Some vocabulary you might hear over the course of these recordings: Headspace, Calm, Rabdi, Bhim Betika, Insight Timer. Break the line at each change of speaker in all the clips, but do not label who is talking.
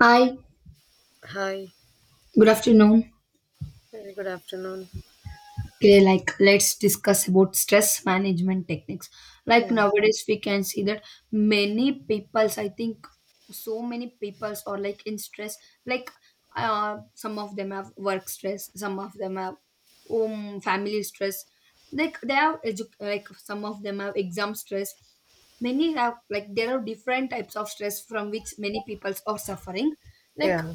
Hi,
Hi,
good afternoon.
very good afternoon.
Okay, like let's discuss about stress management techniques. Like
Yeah,
nowadays, we can see that many peoples, I think, so many peoples are like in stress. Like, some of them have work stress, some of them have home family stress. Like they have like some of them have exam stress. Many have like there are different types of stress from which many peoples are suffering. Like
yeah,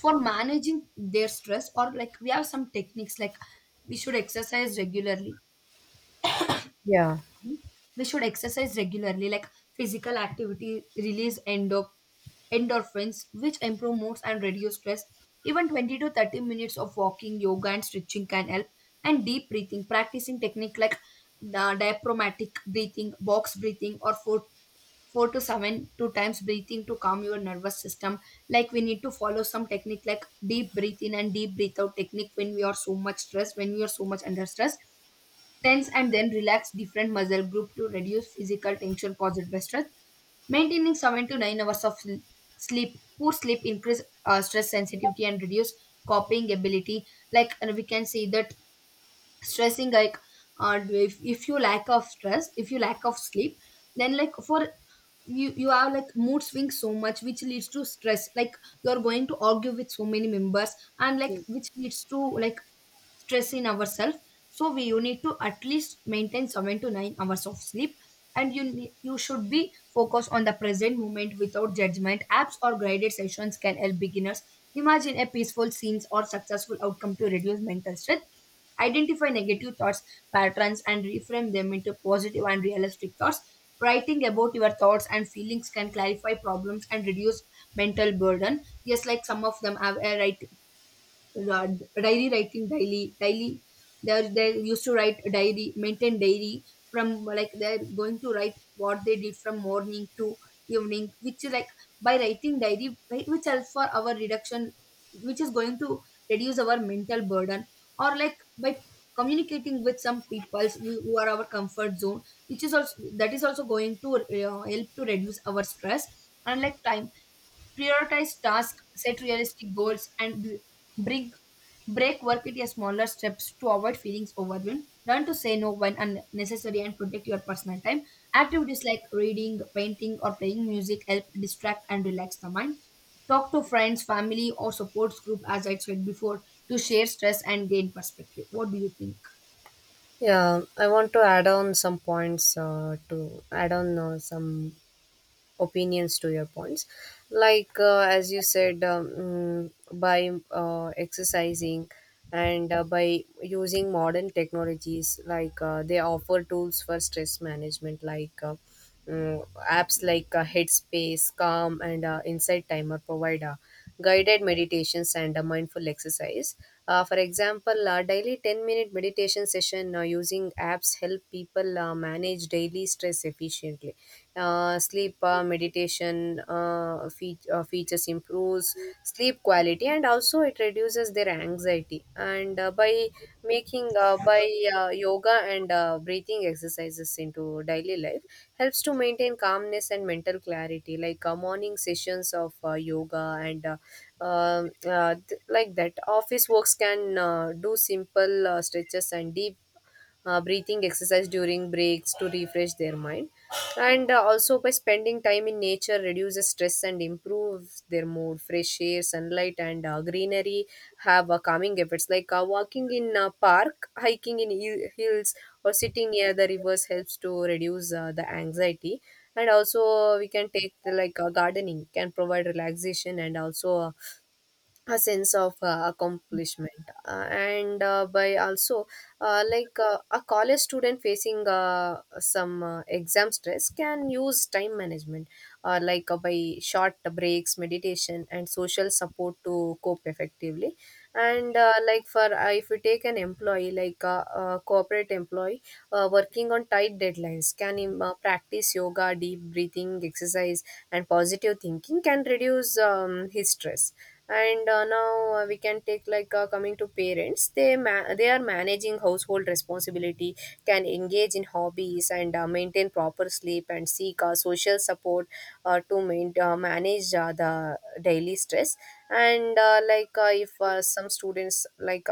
for managing their stress or like we have some techniques like we should exercise regularly.
yeah,
Mhm. We should exercise regularly like physical activity release endorphins, which improve moods and reduce stress. Even 20 to 30 minutes of walking, yoga and stretching can help. And deep breathing practicing technique like diaphragmatic breathing, box breathing, or 4 four to seven two times breathing to calm your nervous system. Like we need to follow some technique like deep breathe in and deep breathe out technique when we are so much stressed, when we are so much under stress. Tense and then relax different muscle group to reduce physical tension caused by stress. Maintaining 7 to 9 hours of sleep. Poor sleep increase stress sensitivity and reduce coping ability. Like and we can say that stressing like, if you lack of stress, if you lack of sleep, then like for you, have like mood swings so much, which leads to stress. Like you're going to argue with so many members, and like which leads to like stress in ourselves. So we you need to at least maintain 7 to 9 hours of sleep. And you should be focused on the present moment without judgment. Apps or guided sessions can help beginners imagine a peaceful scenes or successful outcome to reduce mental stress. Identify negative thoughts patterns and reframe them into positive and realistic thoughts. Writing about your thoughts and feelings can clarify problems and reduce mental burden. Yes, like some of them have a ra- diary writing. Daily, they used to write a diary, maintain diary. From like they're going to write what they did from morning to evening, which is like by writing diary, which helps for our reduction, which is going to reduce our mental burden. Or like by communicating with some people who are our comfort zone, which is also, that is also going to help to reduce our stress. And like time, prioritize tasks, set realistic goals, and b- bring break work into smaller steps to avoid feelings overwhelmed. Learn to say no when unnecessary and protect your personal time. Activities like reading, painting, or playing music help distract and relax the mind. Talk to friends, family, or supports group, as I said before, to share stress and gain perspective. What do you think?
Yeah, I want to add on some points to add on some opinions to your points like as you said by exercising and by using modern technologies like they offer tools for stress management like mm, apps like headspace calm and insight timer provide guided meditations and mindful exercise. For example, daily 10-minute meditation session using apps help people manage daily stress efficiently. Sleep meditation features improves sleep quality and also it reduces their anxiety, and by making by yoga and breathing exercises into daily life helps to maintain calmness and mental clarity, like morning sessions of yoga and like that office works can do simple stretches and deep breathing exercise during breaks to refresh their mind. And also by spending time in nature reduces stress and improves their mood. Fresh air, sunlight, and greenery have calming effects, like walking in a park, hiking in hills, or sitting near the rivers helps to reduce the anxiety. And also we can take the, like gardening can provide relaxation and also a sense of accomplishment. And by also a college student facing some exam stress can use time management, like by short breaks, meditation, and social support to cope effectively. And like for if you take an employee, like a corporate employee working on tight deadlines can practice yoga, deep breathing exercise, and positive thinking can reduce his stress. And now we can take, like coming to parents, they they are managing household responsibility, can engage in hobbies and maintain proper sleep and seek social support manage the daily stress. And like if some students like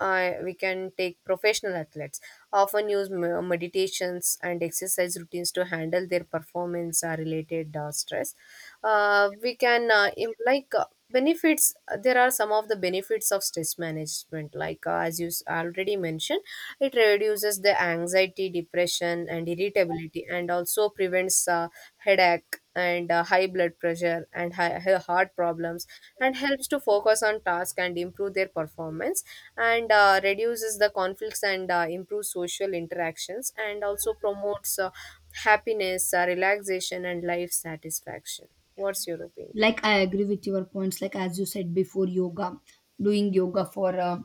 we can take professional athletes often use meditations and exercise routines to handle their performance related stress. Like benefits, there are some of the benefits of stress management, like as you already mentioned, it reduces the anxiety, depression, and irritability, and also prevents headache and high blood pressure and high, heart problems, and helps to focus on task and improve their performance, and reduces the conflicts and improves social interactions, and also promotes happiness, relaxation, and life satisfaction. What's your opinion?
Like I agree with your points. Like as you said before, yoga, doing yoga for uh,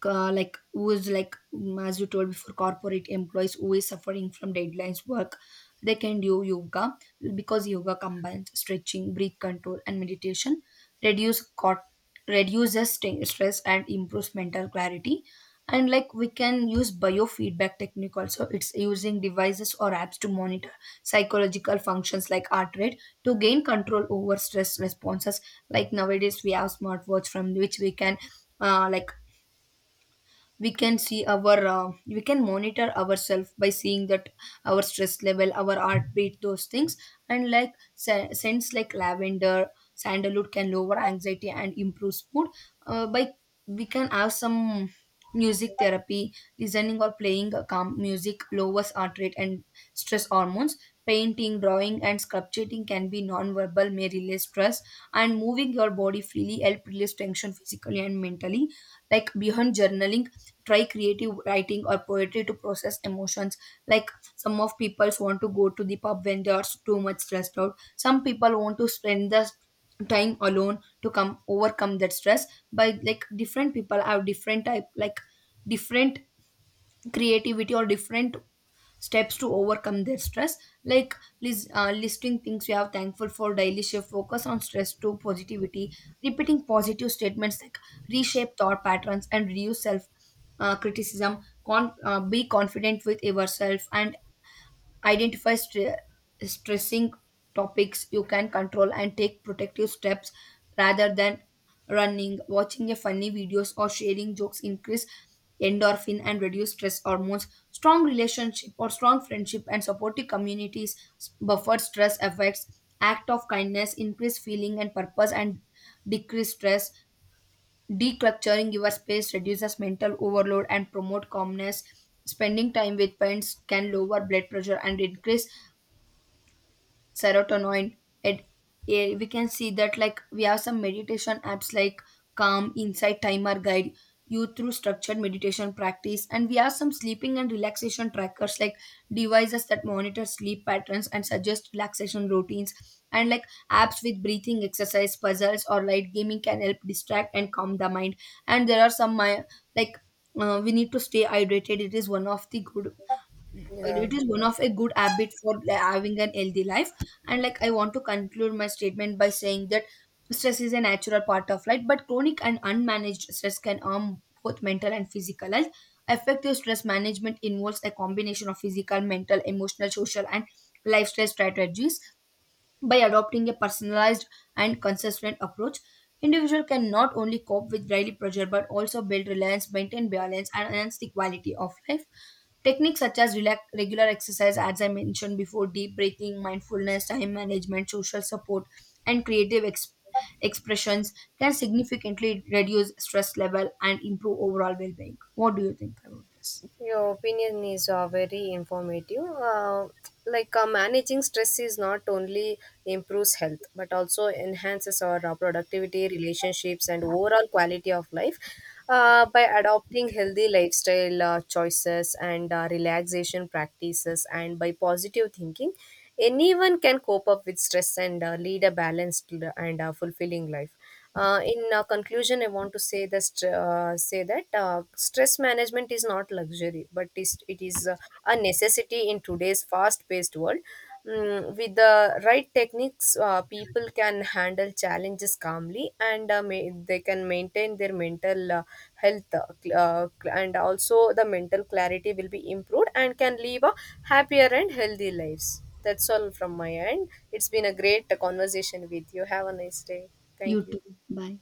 ca- like who is like, as you told before, corporate employees who is suffering from deadlines work, they can do yoga, because yoga combines stretching, breath control and meditation. reduce cot Reduces stress and improves mental clarity. And like we can use biofeedback technique also. It's using devices or apps to monitor psychological functions like heart rate to gain control over stress responses. Like nowadays we have smartwatch from which we can, uh, like we can see our, we can monitor ourselves by seeing that our stress level, our heartbeat, those things. And like scents like lavender, sandalwood can lower anxiety and improve mood. By We can have some music therapy. Listening or playing a calm music lowers heart rate and stress hormones. Painting, drawing and sculpting can be non-verbal, may release stress. And moving your body freely help release tension physically and mentally. Like beyond journaling, try creative writing or poetry to process emotions. Like some of people want to go to the pub when they are too much stressed out. Some people want to spend the time alone to come overcome that stress. By like different people have different type, like different creativity or different steps to overcome their stress. Like listing things you are thankful for daily shift focus on stress to positivity. Repeating positive statements like reshape thought patterns and reduce self criticism. Be confident with yourself and identify stressing topics you can control and take protective steps, rather than running. Watching a funny videos or sharing jokes increase endorphin and reduce stress hormones. Strong relationship or strong friendship and supportive communities buffer stress effects. Act of kindness increase feeling and purpose and decrease stress. Decluttering your space reduces mental overload and promote calmness. Spending time with friends can lower blood pressure and increase serotonin. And we can see that like we have some meditation apps like calm, insight timer, guide you through structured meditation practice. And we have some sleeping and relaxation trackers like devices that monitor sleep patterns and suggest relaxation routines. And like apps with breathing exercise, puzzles or light gaming can help distract and calm the mind. And there are some like we need to stay hydrated.
Yeah,
It is one of a good habit for, like, having an healthy life. And like I want to conclude my statement by saying that stress is a natural part of life, but chronic and unmanaged stress can harm both mental and physical health. Effective stress management involves a combination of physical, mental, emotional, social and lifestyle strategies. By adopting a personalized and consistent approach, individual can not only cope with daily pressure, but also build reliance, maintain balance and enhance the quality of life. Techniques such as relax, regular exercise, as I mentioned before, deep breathing, mindfulness, time management, social support, and creative expressions can significantly reduce stress level and improve overall well-being. What do you think about this?
your opinion is very informative. Like managing stress is not only improves health but also enhances our productivity, relationships, and overall quality of life. By adopting healthy lifestyle choices and relaxation practices, and by positive thinking, anyone can cope up with stress and lead a balanced and fulfilling life. In conclusion, I want to say that stress management is not luxury, but is it is a necessity in today's fast-paced world. With the right techniques, people can handle challenges calmly, and they can maintain their mental health, and also the mental clarity will be improved and can live a happier and healthy lives. That's all from my end. It's been a great conversation with you. Have a nice day.
You
Thank
too.
you.
Bye.